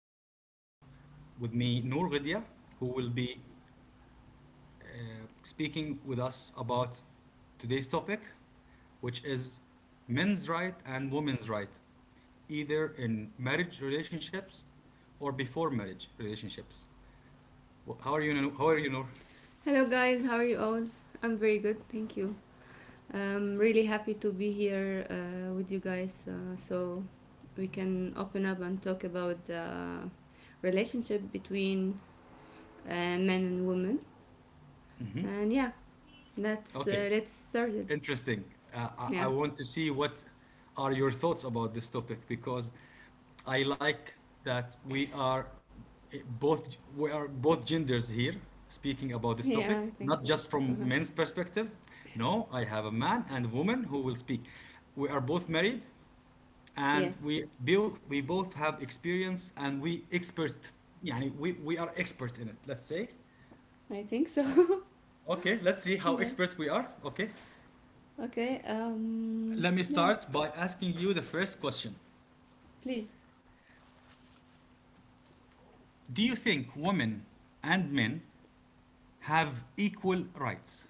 and I have with me Noor Ghidia, who will be uh, speaking with us about today's topic, which is men's right and women's right, either in marriage relationships or before marriage relationships. How are you, Noor? How are you, Noor? Hello, guys. How are you all? I'm very good, thank you. I'm really happy to be here with you guys so we can open up and talk about the relationship between men and women. And yeah, that's Okay. Let's start it. Interesting. I Yeah, want to see what are your thoughts about this topic because I like that we are both genders here speaking about this yeah, I topic, think so. not just Uh-huh. from men's perspective. No, I have a man and a woman who will speak. We are both married and Yes, we both have experience and we expert. Yeah, we are expert in it, let's say. I think so. Okay, let's see how yeah. expert we are. Okay. Okay. Let me Yeah. start by asking you the first question. Please. Do you think women and men have equal rights?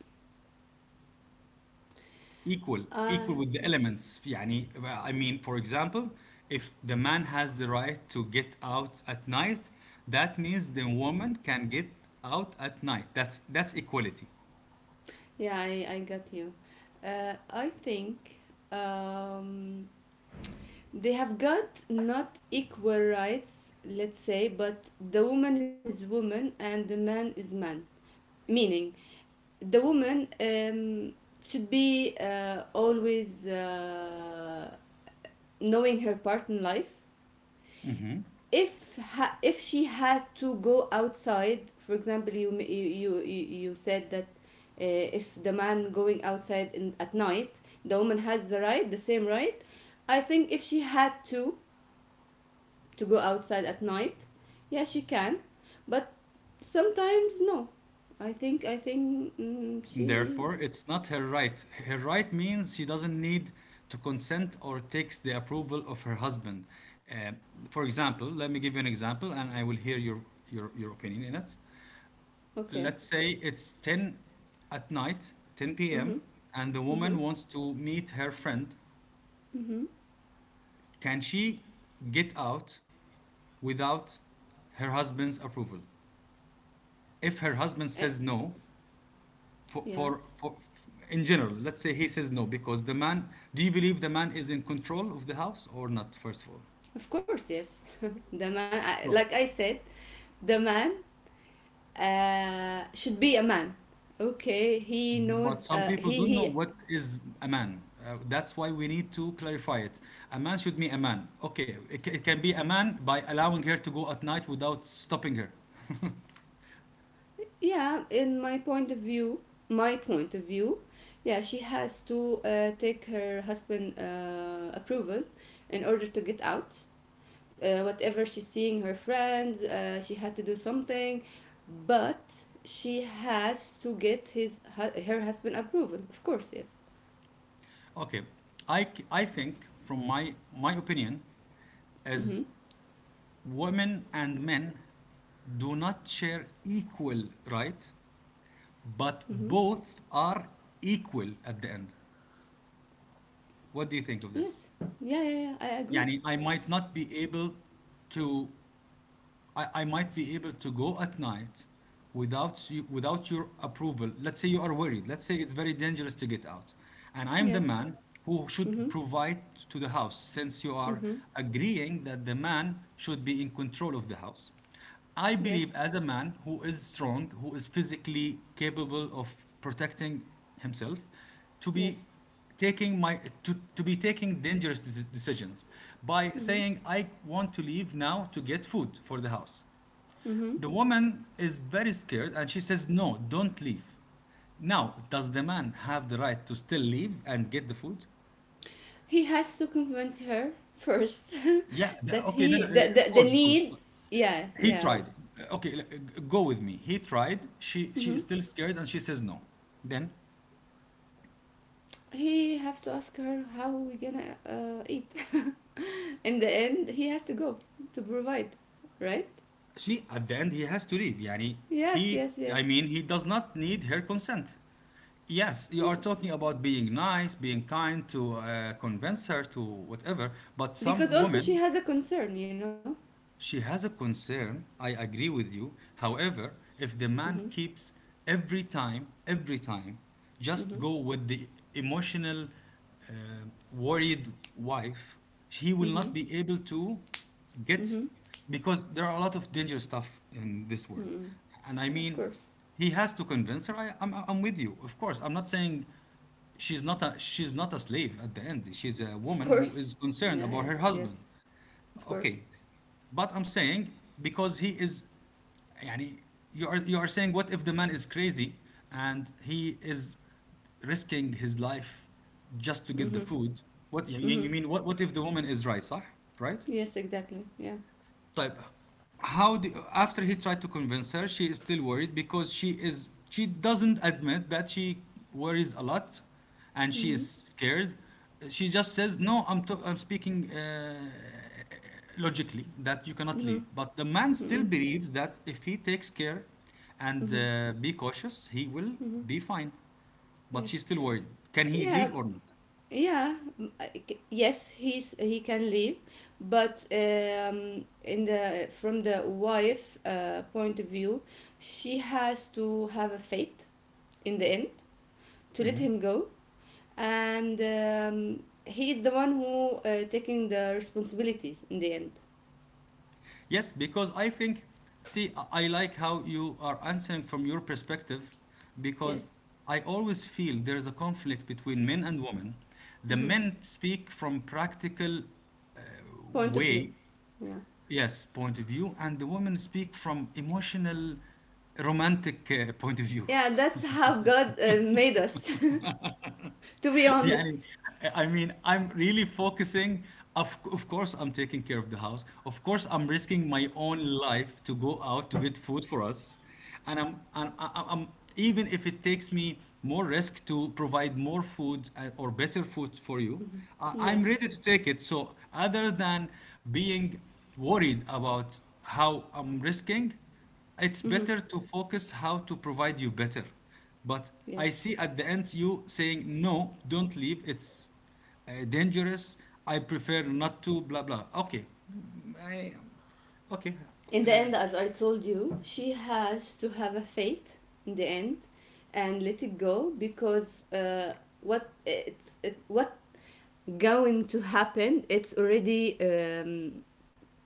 Equal, Uh, equal with the elements. يعني, I mean, for example, if the man has the right to get out at night, that means the woman can get out at night. That's equality. yeah, I got you. I think um, they have got not equal rights, let's say, but the woman is woman and the man is man, meaning the woman should be always knowing her part in life. If she had to go outside, for example, you said that if the man going outside in, at night, the woman has the right, the same right. I think if she had to go outside at night, yes, she can, but sometimes no. I think she... Therefore, it's not her right. Her right means she doesn't need to consent or takes the approval of her husband. Uh, for example, let me give you an example, and I will hear your opinion in it. Okay. Let's say it's ten at night, ten Mhm. p.m., and the woman Mhm. wants to meet her friend. Mhm. Can she get out without her husband's approval? If her husband uh, says no, yes. for in general let's say he says no. Because the man, do you believe the man is in control of the house or not, first of all? Of course, yes. The man, So, like I said, the man should be a man. Okay, he but knows some people don't he know he what is a man, that's why we need to clarify it. A man should be a man. Okay, it can be a man by allowing her to go at night without stopping her. Yeah, in my point of view, my point of view, yeah, she has to take her husband approval in order to get out. Whatever she's seeing her friends, she had to do something, but she has to get her husband approval. Of course, yes. Okay. I think from my opinion, as Mhm. women and men do not share equal right, but Mhm. both are equal at the end. What do you think of this? Yes. Yeah, yeah, yeah. I agreed. Yani, I might not be able to, I might be able to go at night without you, without your approval. Let's say you are worried. Let's say it's very dangerous to get out, and I'm the Yeah. man who should Mhm. provide to the house, since you are Mhm. agreeing that the man should be in control of the house. I Yes. believe as a man who is strong, who is physically capable of protecting himself, to Yes. be to be taking decisions by Mhm. saying I want to leave now to get food for the house. Mhm. The woman is very scared and she says no, don't leave. Now, does the man have the right to still leave and get the food? He has to convince her first. Yeah, That okay, no, he no, of the course, of course. need... Yeah, He yeah. tried. Okay, go with me. He tried. She is Hmm. still scared and she says no. Then He have to ask her how we gonna eat. In the end, he has to go to provide, right? she at the end he has to leave. Yani Yes, he, yes, yes. I mean, he does not need her consent. Yes, you are Yes, talking about being nice, being kind to convince her to whatever, but because some also she women. has a concern. She has a concern, I agree with you. However, if the man Mm-hmm. keeps every time, Mm-hmm. just go with the emotional, uh, worried wife, he will not be Mm-hmm. able to Mm-hmm, get, because there are a lot of dangerous stuff in this world. mm-hmm. And I Of mean, course, he has to convince her. I'm with you, of course. I'm not saying she's not a, she's not a slave at the end. She's a of woman who course. is concerned Yeah, about her yes, yes. husband. Of course. Okay, but I'm saying, because he is, يعني, you are, you are saying what if the man is crazy and he is risking his life just to get the Mm-hmm. food? What you, Mm-hmm. you mean? What if the woman is right? صح? Right? Yes, exactly, yeah. طيب, how do, after he tried to convince her, she is still worried because she is, she doesn't admit that she worries a lot and she Mm-hmm. is scared. She just says no. I'm speaking logically that you cannot Mm-hmm. leave, but the man Mm-hmm. still believes that if he takes care and Mm-hmm. Be cautious he will Mm-hmm. be fine, but Yes. she's still worried. Can he Yeah. leave or not? Yeah. Yes. He can leave, but in the from the wife point of view, she has to have a fate in the end to let him go, and he is the one who taking the responsibilities in the end. Yes, because I think, see, I like how you are answering from your perspective because Yes. I always feel there is a conflict between men and women. The Mm-hmm. men speak from practical Point of view. way, Yeah. yes, point of view, and the women speak from emotional, romantic point of view. Yeah. That's how God made us. To be يعني, honest. I mean, I'm really focusing. Of course I'm taking care of the house, of course I'm risking my own life to go out to get food for us, and I'm and I- I'm, even if it takes me more risk to provide more food or better food for you, I'm Yes. ready to take it. So other than being worried about how I'm risking, it's better to focus how to provide you better. But I Yes. see at the end you saying, no, don't leave. It's dangerous. I prefer not to, blah, blah. Okay. I, okay. In the end, as I told you, she has to have a faith in the end and let it go, because what going to happen, it's already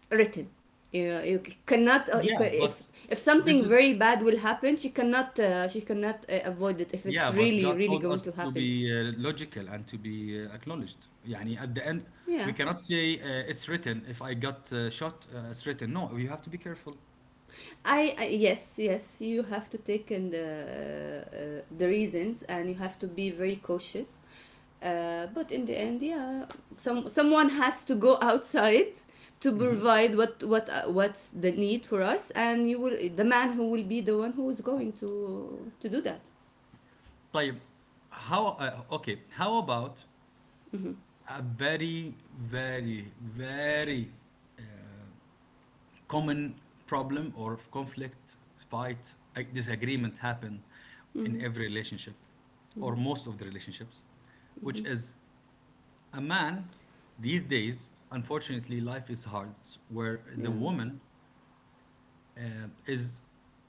written. You cannot you ca Yeah, but if this something is, very bad will happen, she cannot avoid it if it's yeah, but really, God really told going us to to happen. be logical and to be acknowledged. يعني at the end, we Yeah. cannot say it's written. If I got shot, it's written. No, you have to be careful. I yes, yes, you have to take in the reasons, and you have to be very cautious, but in the end, yeah, someone has to go outside to provide what's the need for us, and you will the man who will be the one who is going to do that. طيب, how okay, how about Mm-hmm. a very very very common problem or conflict, fight, disagreement happen in Mm-hmm. every relationship or Mm-hmm. most of the relationships, which Mm-hmm. is a man these days, unfortunately, life is hard, where the Yeah. woman is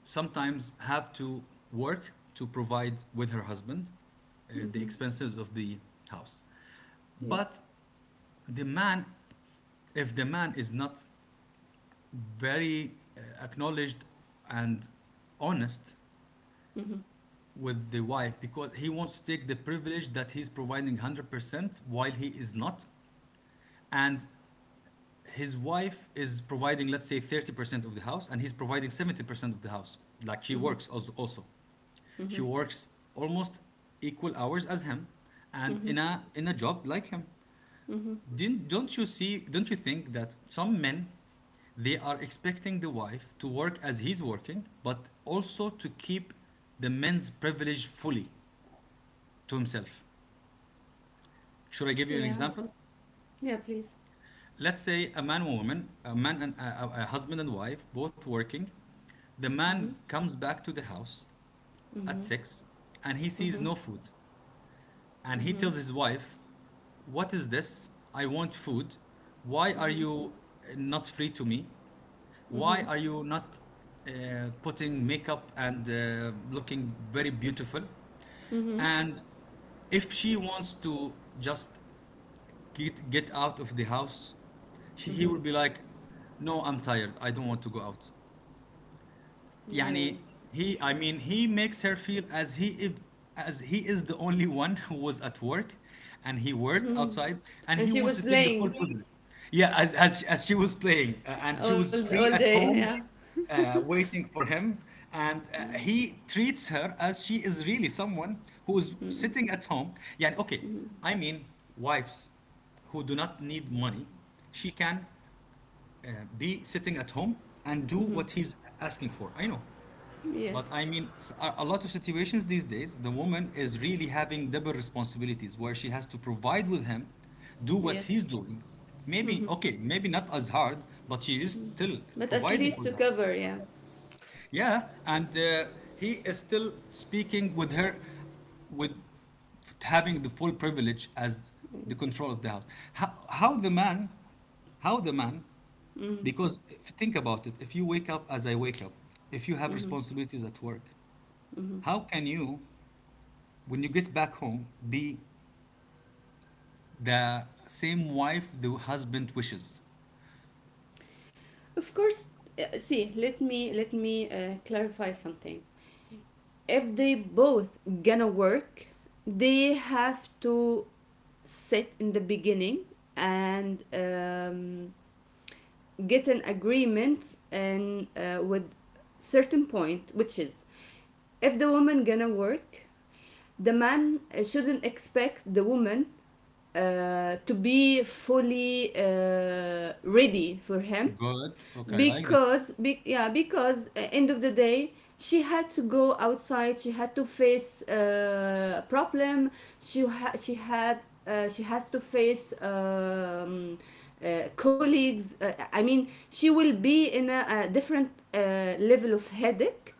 sometimes have to work to provide with her husband the Mm-hmm. expenses of the house. Yes. But the man, if the man is not very acknowledged and honest Mm-hmm. with the wife because he wants to take the privilege that he's providing 100% while he is not, and his wife is providing, let's say, 30% of the house and he's providing 70% of the house. Like she Mm-hmm. works also Mm-hmm. she works almost equal hours as him, and Mm-hmm. in a, in a job like him. Mm-hmm. Didn't, Don't you see, don't you think that some men, they are expecting the wife to work as he's working, but also to keep the men's privilege fully to himself? Should I give you an Yeah, example? yeah, please. Let's say a man and woman, a husband and wife, both working. The Mm-hmm. man comes back to the house at Mm-hmm. six and he sees Mm-hmm. no food. And he Mm-hmm. tells his wife, what is this? I want food. Why are Mmhmm. you not free to me? Why Mmhmm. are you not putting makeup and looking very beautiful? Mmhmm. And if she wants to just get out of the house, he will Mmhmm. be like, no, I'm tired. I don't want to go out. يعني Yeah. he, I mean, he makes her feel as he, as he is the only one who was at work and he worked Mm. outside, and he And wants she to was take the full playing privilege. Yeah, as she was playing and she was free all at day, home yeah. Waiting for him, and Yeah. He treats her as she is really someone who is Mm. sitting at home. Yeah, okay. I mean wives who do not need money, she can uh, be sitting at home and do what Mmhmm. he's asking for. I know. But Yes, I mean, a lot of situations these days, the woman is really having double responsibilities where she has to provide with him, do what yes. he's doing. Maybe, Mmhmm. okay, maybe not as hard, but she is still But at providing least for to that. cover, yeah. Yeah, and he is still speaking with her with having the full privilege as the Mm. control of the house. How, how the man, how the man, Mmhmm. because think about it, if you wake up as I wake up, if you have responsibilities at work, Mmhmm. how can you, when you get back home, be the same wife the husband wishes? Of course. See, let me clarify something. If they both gonna work, they have to sit in the beginning and get an agreement, and with certain point, which is: if the woman gonna work, the man shouldn't expect the woman to be fully ready for him. Good. Okay, I like this. Yeah, because end of the day, she had to go outside, she had to face a problem, she ha- she had she has to face colleagues, I mean she will be in a different uh, level of headache,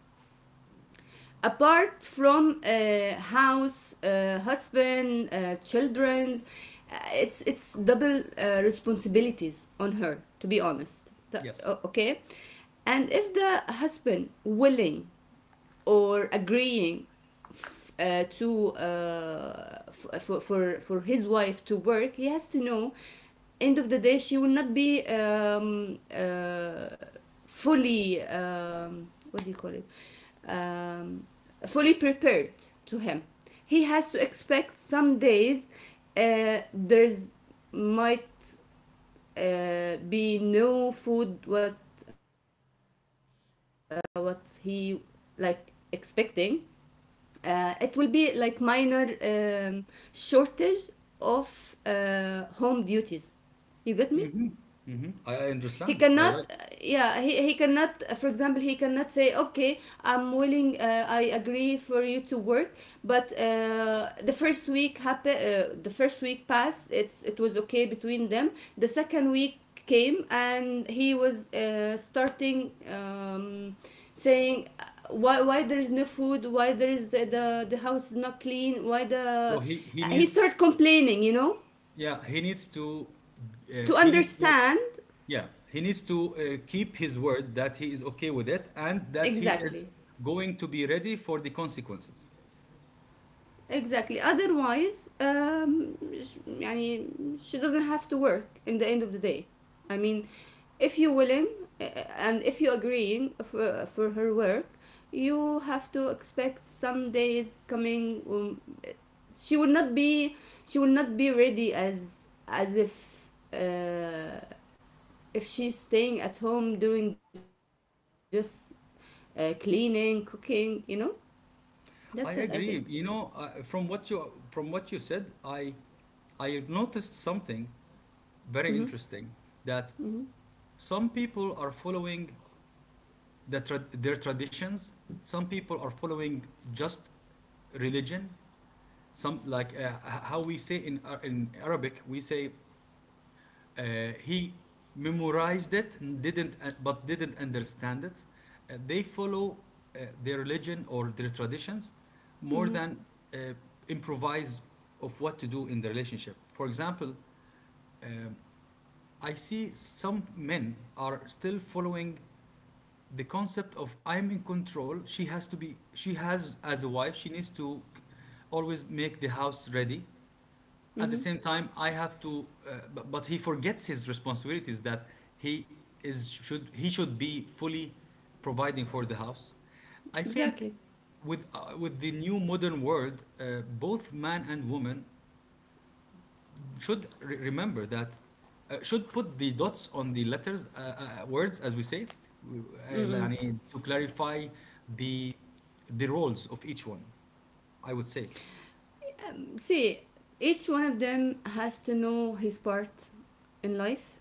apart from house, husband, children. It's double responsibilities on her. To be honest. Yes. Okay. And if the husband willing or agreeing for his wife to work, he has to know end of the day she will not be fully what do you call it, um, fully prepared to him. He has to expect some days there's might be no food, what he like expecting. It will be like minor shortage of home duties. You get me? Hmm, He I cannot... understand. I like it. Yeah, he cannot, for example. He cannot say, okay, I'm willing, I agree for you to work, but the first week happen, the first week passed, it was okay between them. The second week came, and he was starting, saying, why there is no food, why there is the house is not clean, why the... So he He needs, started complaining. yeah, To he needs to, understand. yeah, he needs to keep his word that he is okay with it and that he Exactly. is going to be ready for the consequences. Exactly. Otherwise, يعني she doesn't have to work in the end of the day. I mean, if you're willing, uh, and if you're agreeing for her work, you have to expect some days coming. She will not be she will not be ready as as if uh, if she's staying at home doing just cleaning, cooking. You know, that's it. I think. I agree. You know, from what you, from what you said, I noticed something Mhm. very interesting that Mhm. some people are following their traditions, some people are following just religion. Some like how we say in Arabic, we say he memorized it, and didn't but didn't understand it. They follow their religion or their traditions more Mhm. than uh, improvise of what to do in the relationship. For example, I see some men are still following the concept of I'm in control. She has to be. She has as a wife. She needs to always make the house ready. At Mm-hmm. the same time, I have to but he forgets his responsibilities, that he he should be fully providing for the house, I think. Exactly. With the new modern world, both man and woman should remember that, should put the dots on the letters, words, as we say. w- Mm-mm. يعني to clarify the the roles of each one, I would say. See, each one of them has to know his part in life,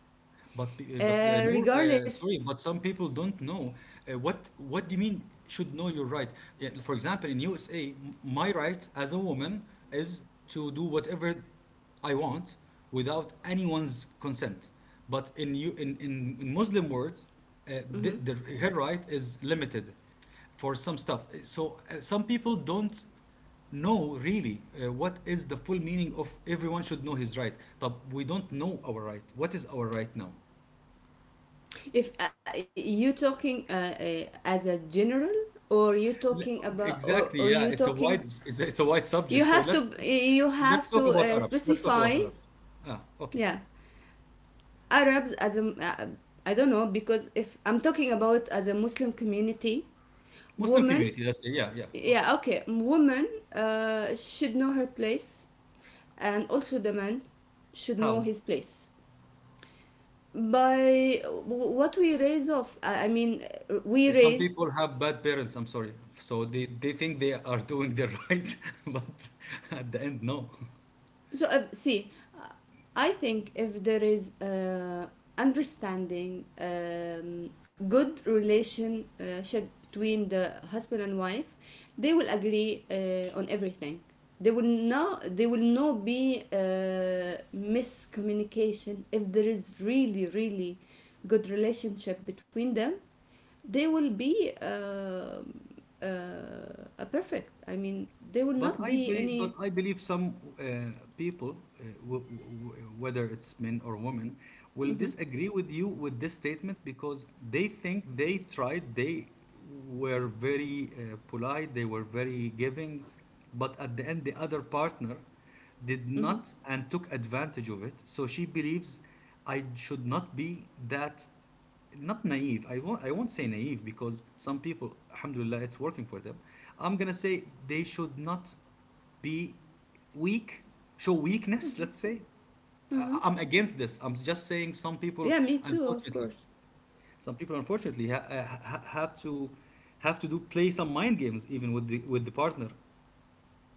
But Noor, regardless. sorry, but some people don't know, what do you mean should know your right? Yeah. For example, in USA, my right as a woman is to do whatever I want without anyone's consent. But in you in Muslim words, uh, the, Mhm. the, her right is limited for some stuff. So some people don't know really, what is the full meaning of everyone should know his right. But we don't know our right. What is our right now? If you talking as a general, or you talking Le- about, or you Exactly. Yeah, it's talking... a wide subject. So let's You have let's to talk about Arabs. Let's talk specify. about Arabs. Ah, okay. Yeah, Arabs as a, I don't know, because if I'm talking about as a Muslim community, Muslim women... community. Let's say, yeah, yeah. Okay. Yeah, okay, woman should know her place, and also the man should know How? his place. By what we raise off. I mean we Some raised... people have bad parents, I'm sorry, so they think they are doing the right, but at the end, no. So see, uh, I think if there is understanding, good relationship between the husband and wife, they will agree on everything. They will They will not be miscommunication if there is really, really good relationship between them. They will be a perfect. I mean, there will But not I be be, but any. I believe some, people, w w whether it's men or women, will Mm-hmm, disagree with you with this statement, because they think they tried, they were very polite, they were very giving, but at the end the other partner did mm-hmm. not and took advantage of it. So she believes I should not be that not naive. I won't say naive, because some people, alhamdulillah, it's working for them. I'm gonna say they should not be weak, show weakness, let's say. Uh-huh. I'm against this. I'm just saying some people, Yeah, me too, of unfortunately, course. Have to do, play some mind games, even with the partner.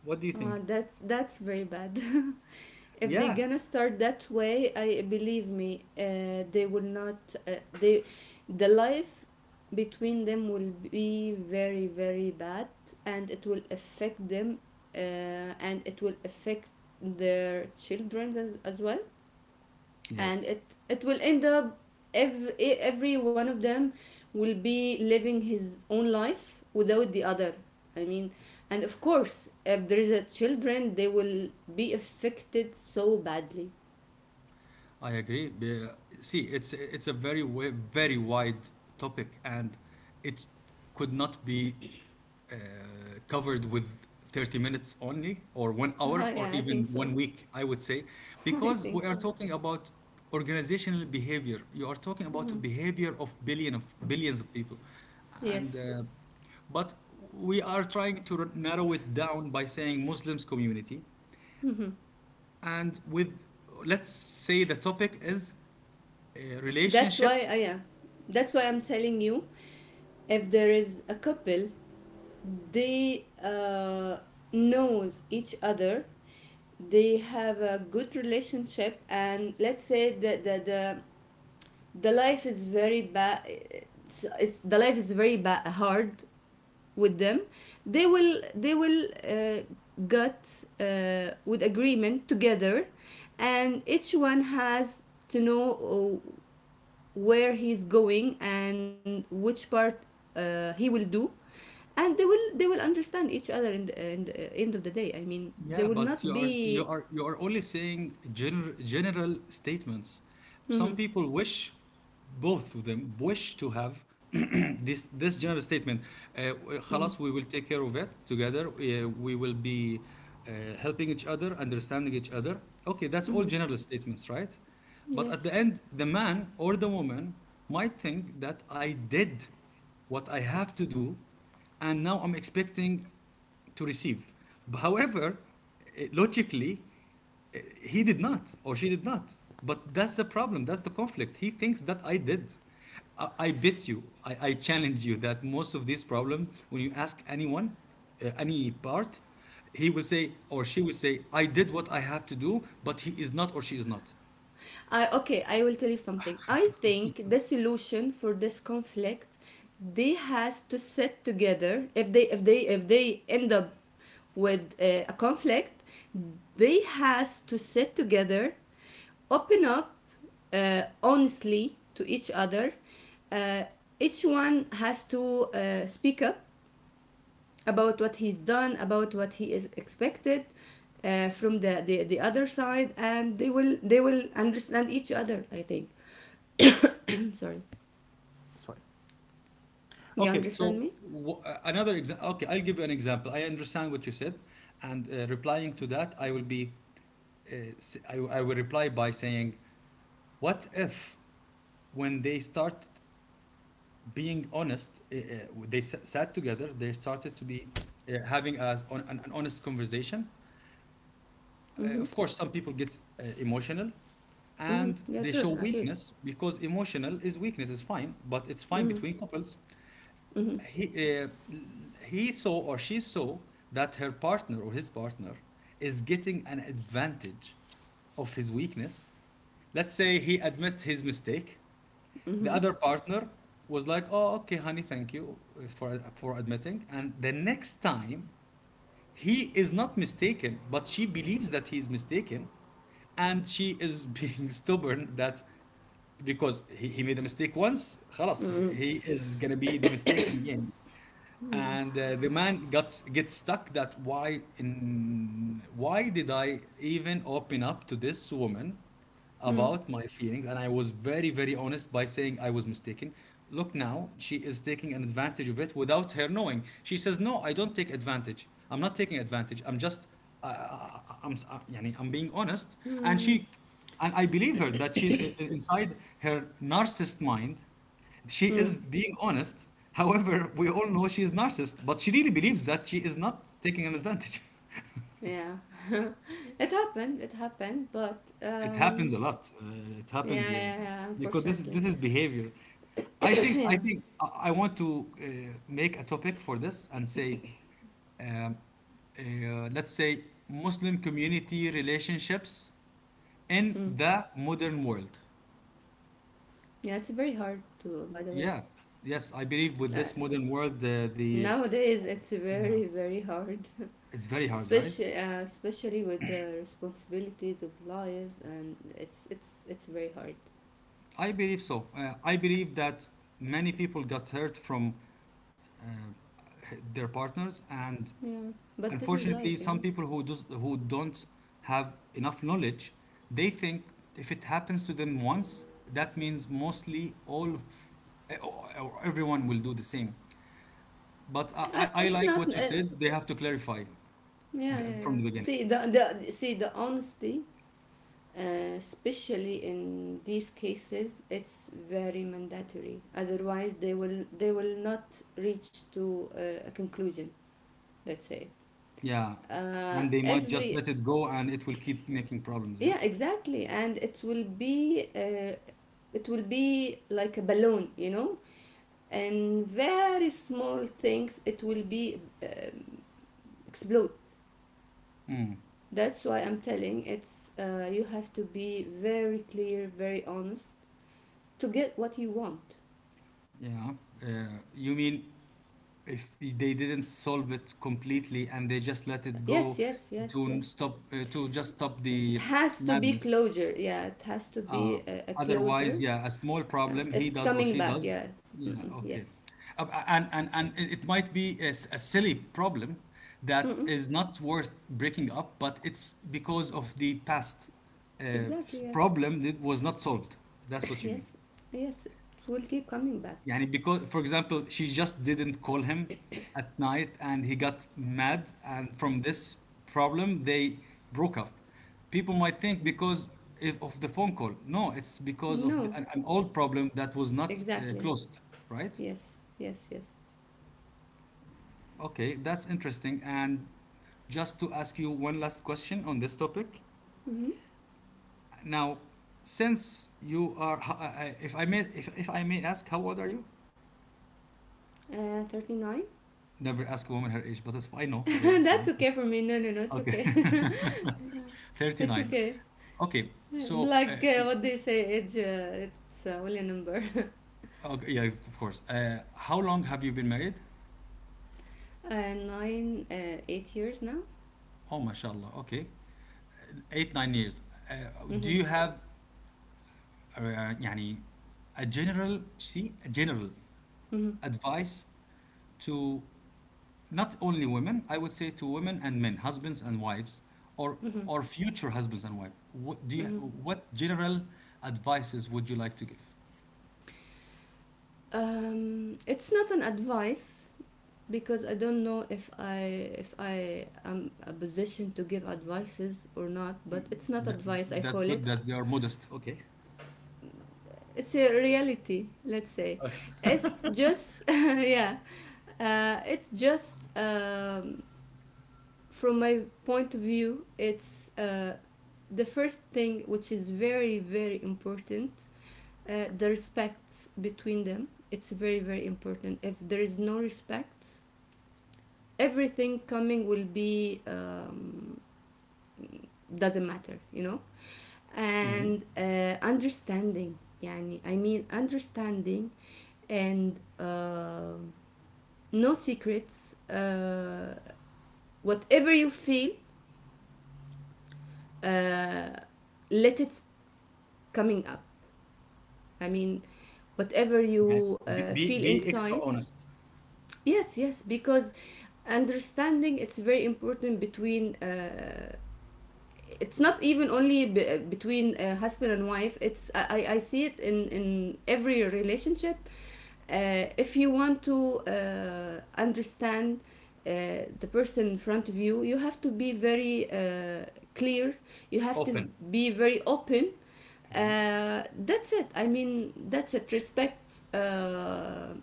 What do you think? that's very bad. If they Yeah. gonna start that way, I believe me, they will not. Uh, they, the life between them will be very, very bad, and it will affect them, and it will affect their children as well. And Yes. it will end up, every one of them will be living his own life without the other, I mean. And of course, if there is a children, they will be affected so badly. I agree. See, it's a very wide topic, and it could not be uh, covered with 30 minutes only, or one hour, or Yeah, I even think one so. week, I would say, I because think we are so. talking about organizational behavior. You are talking about the Hmm. behavior of billion of billions of people, and Yes. But we are trying to narrow it down by saying Muslims community, Hmm. and with, let's say, the topic is, That's why, relationships. Yeah, that's why I'm telling you, if there is a couple, they knows each other, they have a good relationship, and let's say that the life is very bad. It's the life is very bad, hard with them. They will get with agreement together, and each one has to know where he's going and which part he will do, and they will understand each other in in the end of the day, I mean. They Yeah, will but not you are you be... are you are only saying general, statements. Some Mhm, people wish, both of them wish to have this general statement. Uh, mhm, خلاص, we will take care of it together. We will be helping each other, understanding each other. Okay, that's all mhm. general statements, right? But at the Yes. end, the man or the woman might think that I did what I have to do, and now I'm expecting to receive. However, logically, he did not or she did not. But that's the problem. That's the conflict. He thinks that I did. I bet you, I challenge you that most of these problems, when you ask anyone, any part, he will say or she will say, I did what I have to do, but he is not or she is not. I Okay, I will tell you something. I think the solution for this conflict, they has to sit together. If they if they if they end up with a conflict, they has to sit together, open up honestly to each other. uh, each one has to speak up about what he's done, about what he is expected from the other side, and they will understand each other. I think. Sorry, That's right. you Okay. understand So me? w- uh, another example. Okay, I'll give you an example. I understand what you said, and, replying to that, I will be I will reply by saying, what if when they start being honest, they sat together, they started to be, having a, an honest conversation. Uh, Mm-hmm. of course, some people get emotional, Mm-hmm. and Yeah, they sure. show Okay. weakness, because emotional is weakness, is fine, but it's fine Mm-hmm. between couples. Mm-hmm. he uh, he saw or she saw that her partner or his partner is getting an advantage of his weakness. Let's say he admit his mistake, the other partner was like, oh, okay, honey, thank you, for admitting, and the next time he is not mistaken, but she believes that he is mistaken, and she is being stubborn, that because he made a mistake once, خلاص he is gonna be the mistake again. And the man got gets stuck, that why did I even open up to this woman Mm-hmm. about my feelings, and I was very, very honest by saying I was mistaken. Look now, she is taking an advantage of it without her knowing. She says, "No, I don't take advantage. I'm not taking advantage. I'm just, I'm, s- يعني I'm being honest." And Mm-hmm. she, and I believe her that she, inside her narcissist mind, she is Mm-hmm. being honest. However, we all know she is narcissist, but she really believes that she is not taking an advantage. Yeah, it happened. It happened, but It happens a lot. It yeah, happens, yeah, yeah. because this is Unfortunately. this is behavior. I think Yeah. I think I, I want to, make a topic for this and say, um, let's say, Muslim community relationships in Mm. the modern world. Yeah, it's very hard to. By the way, Yeah. Yes, I believe with uh, this modern world, the nowadays it's no, very, very hard. it's very hard, right? Especially especially with the responsibilities of lives, and it's very hard. I believe so. I believe that many people got hurt from, uh, their partners, and Yeah, but this is life unfortunately, you some know people who does, who don't have enough knowledge, they think if it happens to them once, that means mostly all of, or everyone will do the same. But I, I I It's like not what you said. They have to clarify yeah, yeah, from yeah, the beginning. see, the see, the honesty, especially in these cases, it's very mandatory. Otherwise, they will not reach to a conclusion, let's say. Yeah, and they might just Every... let it go, and it will keep making problems. Yeah, Yeah, exactly. And it will be like a balloon, and very small things, it will be explode. That's why I'm telling, it's you have to be very clear, very honest to get what you want. yeah. You mean, if they didn't solve it completely and they just let it Yes, go, yes, yes, yes. To just stop It the has to be madness. closure. Yeah, it has to Uh, be a otherwise, closure. yeah, a small Yeah, problem he it's does or coming she back. does. Yes. Yeah, Mm-mm, okay. yes. And it might be a, a silly problem that Mm-mm, is not worth breaking up, but it's because of the past, uh, exactly. Yes. problem that was not solved. That's what you mean. Yes, yes, it will keep coming back. Yani, because, for example, she just didn't call him at night and he got mad. And from this problem, they broke up. People might think because, if, of the phone call. No, it's because of No, the, an old problem that was not, exactly. closed, right? Yes, yes, yes. Okay, that's interesting. And just to ask you one last question on this topic. Mm-hmm. Now, since you are, if I may, if I may ask, how old are you? 39? Never ask a woman her age, but it's fine. I know it's That's fine. okay for me. No, no, no, it's Okay. okay. It's 39. okay. Okay. So, Like what they say, age, it's only a number. okay, yeah, of course. How long have you been married? 8 years now? Oh, mashallah. Okay. Eight, 9 years. Uh, do Mm-hmm, you have, يعني, a general, see, a general mm-hmm, advice, to not only women, I would say, to women and men, husbands and wives, or mm-hmm, or future husbands and wife. What do you, mm-hmm. what general advices would you like to give? It's not an advice, because I don't know if I am a position to give advices or not, but it's not That, advice I that's call it. good that they are modest. Okay. It's a reality, let's say. It's just yeah, it's just from my point of view. It's The first thing which is very very important. The respect between them. It's very very important. If there is no respect, everything coming will be doesn't matter, you know. Mhm. And understanding, يعني, I mean understanding, and no secrets, whatever you feel, uh, let it coming up, I mean whatever Yeah. you Be, be, feel be inside. extra honest, Yes, yes, because understanding it's very important between it's not even only between husband and wife. I see it in every relationship. If you want to understand uh, the person in front of you, you have to be very clear, you have to open. be very open, Mhm. uh, that's it. I mean that's it. Respect, uh, uh,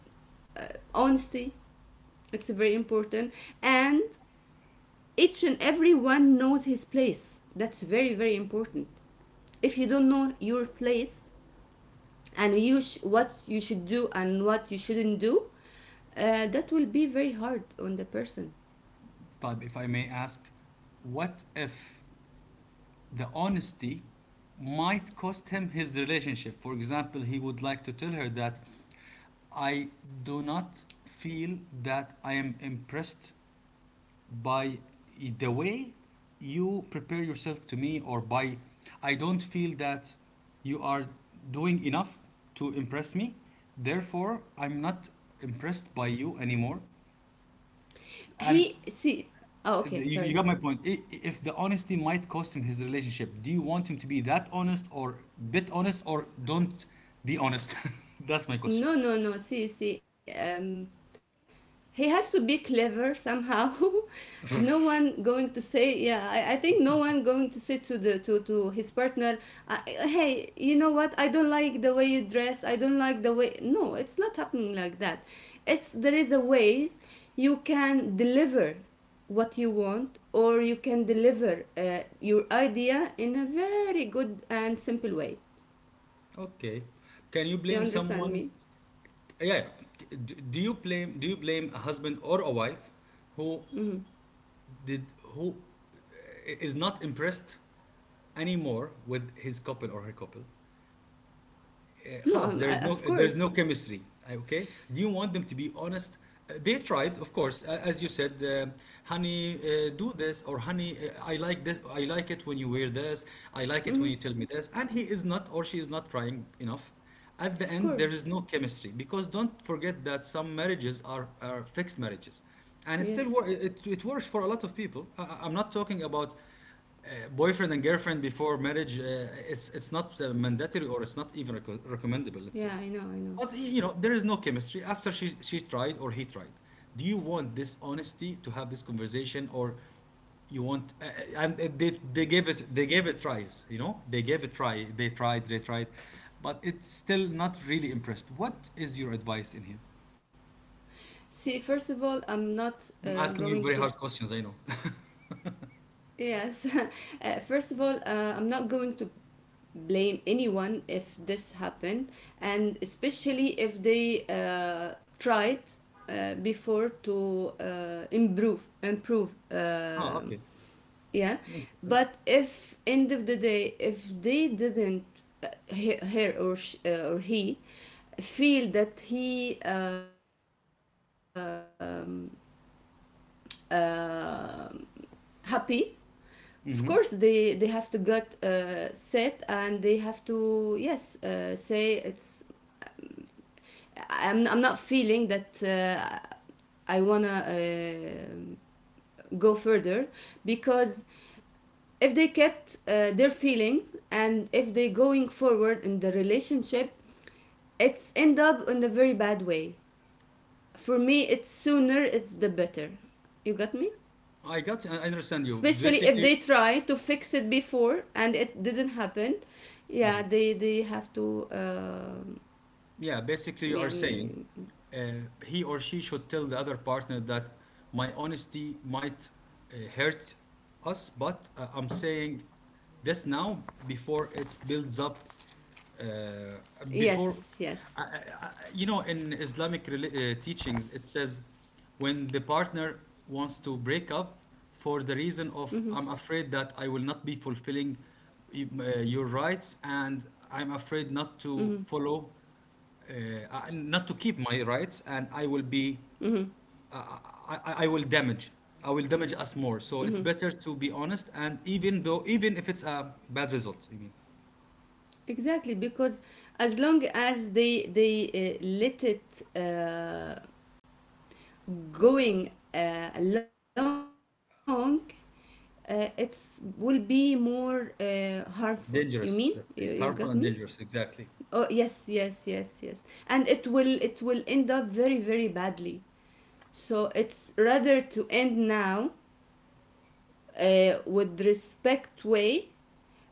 honesty, it's very important. And each and every one knows his place. That's very very important. If you don't know your place and you what you should do and what you shouldn't do, that will be very hard on the person. Type, if I may ask, what if the honesty might cost him his relationship? For example, he would like to tell her that I do not feel that I am impressed by the way you prepare yourself to me, or by, I don't feel that you are doing enough to impress me. Therefore, I'm not impressed by you anymore. And He see, oh you, okay, you sorry. got my point. If the honesty might cost him his relationship, do you want him to be that honest, or bit honest, or don't be honest? That's my question. No, see, see, he has to be clever somehow. No one going to say, yeah, I think no one going to say to the to his partner, Hey, you know what, I don't like the way you dress, I don't like the way." No, it's not happening like that. It's, there is a ways you can deliver what you want, or you can deliver your idea in a very good and simple way. Okay. Can you blame You understand someone? me? Yeah, yeah. Do you blame a husband or a wife who Hmm. did, who is not impressed anymore with his couple or her couple? no خلاص, I'm, I, Of there is no course. chemistry. Okay, do you want them to be honest? They tried, of course, as you said, honey, do this, or honey, I like this, I like it when you wear this, I like it when Hmm. you tell me this, and he is not or she is not trying enough. At the Of end, there is course. no chemistry, because don't forget that some marriages are, fixed marriages, and it still Yes. wor- it works for a lot of people. I'm not talking about, boyfriend and girlfriend before marriage. It's not, mandatory, or it's not even recommendable, let's say. Yeah, I know, I But know. There is no chemistry after she tried or he tried. Do you want this honesty to have this conversation, or you want? They they gave it tries. You know, they gave it try. They tried. They tried, but it's still not really impressed. What is your advice in here? See, first of all, I'm not I'm asking you going very to, hard questions, I know. yes, first of all, I'm not going to blame anyone if this happened, and especially if they tried before to improve, Oh, okay. yeah. Interesting. But if end of the day, if they didn't, uh, he, her or sh, or he feel that he uh, happy, of Mm-hmm. course they have to get set and they have to, yes, say it's, I'm not feeling that I want to go further, because if they kept their feelings, and if they going forward in the relationship, it's end up in a very bad way. For me, it's sooner it's the better. You got me? I got. I understand you. Basically, Especially if they try to fix it before and it didn't happen. Yeah, they have to um, yeah, basically, you are saying, يعني, uh, he or she should tell the other partner that my honesty might, hurt us, but, I'm saying this now before it builds up. Uh, before, yes, yes. In Islamic, teachings, it says, when the partner wants to break up for the reason of, I'm Mm-hmm, afraid that I will not be fulfilling, your rights, and I'm afraid not mm-hmm, to follow, uh, not to keep my rights, and I will be, mm-hmm, I, I, I I will damage I will damage us more, so mm-hmm. it's better to be honest, and, even if it's a bad result, you mean. Exactly. Because as long as they let it uh, going along, it will be more harmful, you Dangerous, mean. let's say. You Harmful got and me. dangerous, exactly. Oh yes, yes, yes, yes. And it will end up very very badly. So it's rather to end now, with respect way.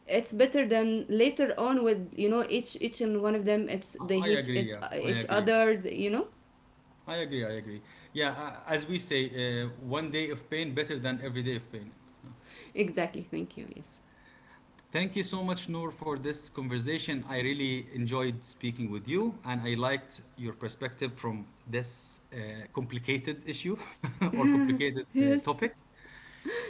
It's better than later on with, you know, each and one of them, I, it's I they hate agree, yeah, it, each other, you know. I agree, yeah. As we say, one day of pain better than every day of pain. Exactly. Thank you. Yes. Thank you so much, Noor, for this conversation. I really enjoyed speaking with you, and I liked your perspective from this, complicated issue, or complicated, Yes. topic.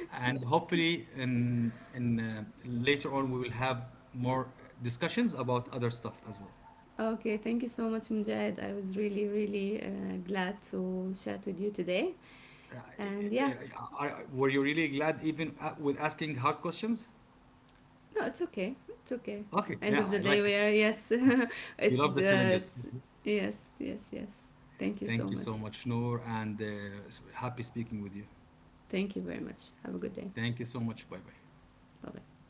And Yes. hopefully, in later on, we will have more discussions about other stuff as well. Okay. Thank you so much, Mujahid. I was really really glad to chat with you today. And yeah, Uh, were you really glad, even, with asking hard questions? no, it's okay. It's okay. Okay, End yeah, of I the day, like it. we are, yes. You love the challenges. It's yes, yes, yes. Thank you Thank you so so much. much, Noor, and, happy speaking with you. Thank you very much. Have a good day. Thank you so much. Bye bye. Bye bye.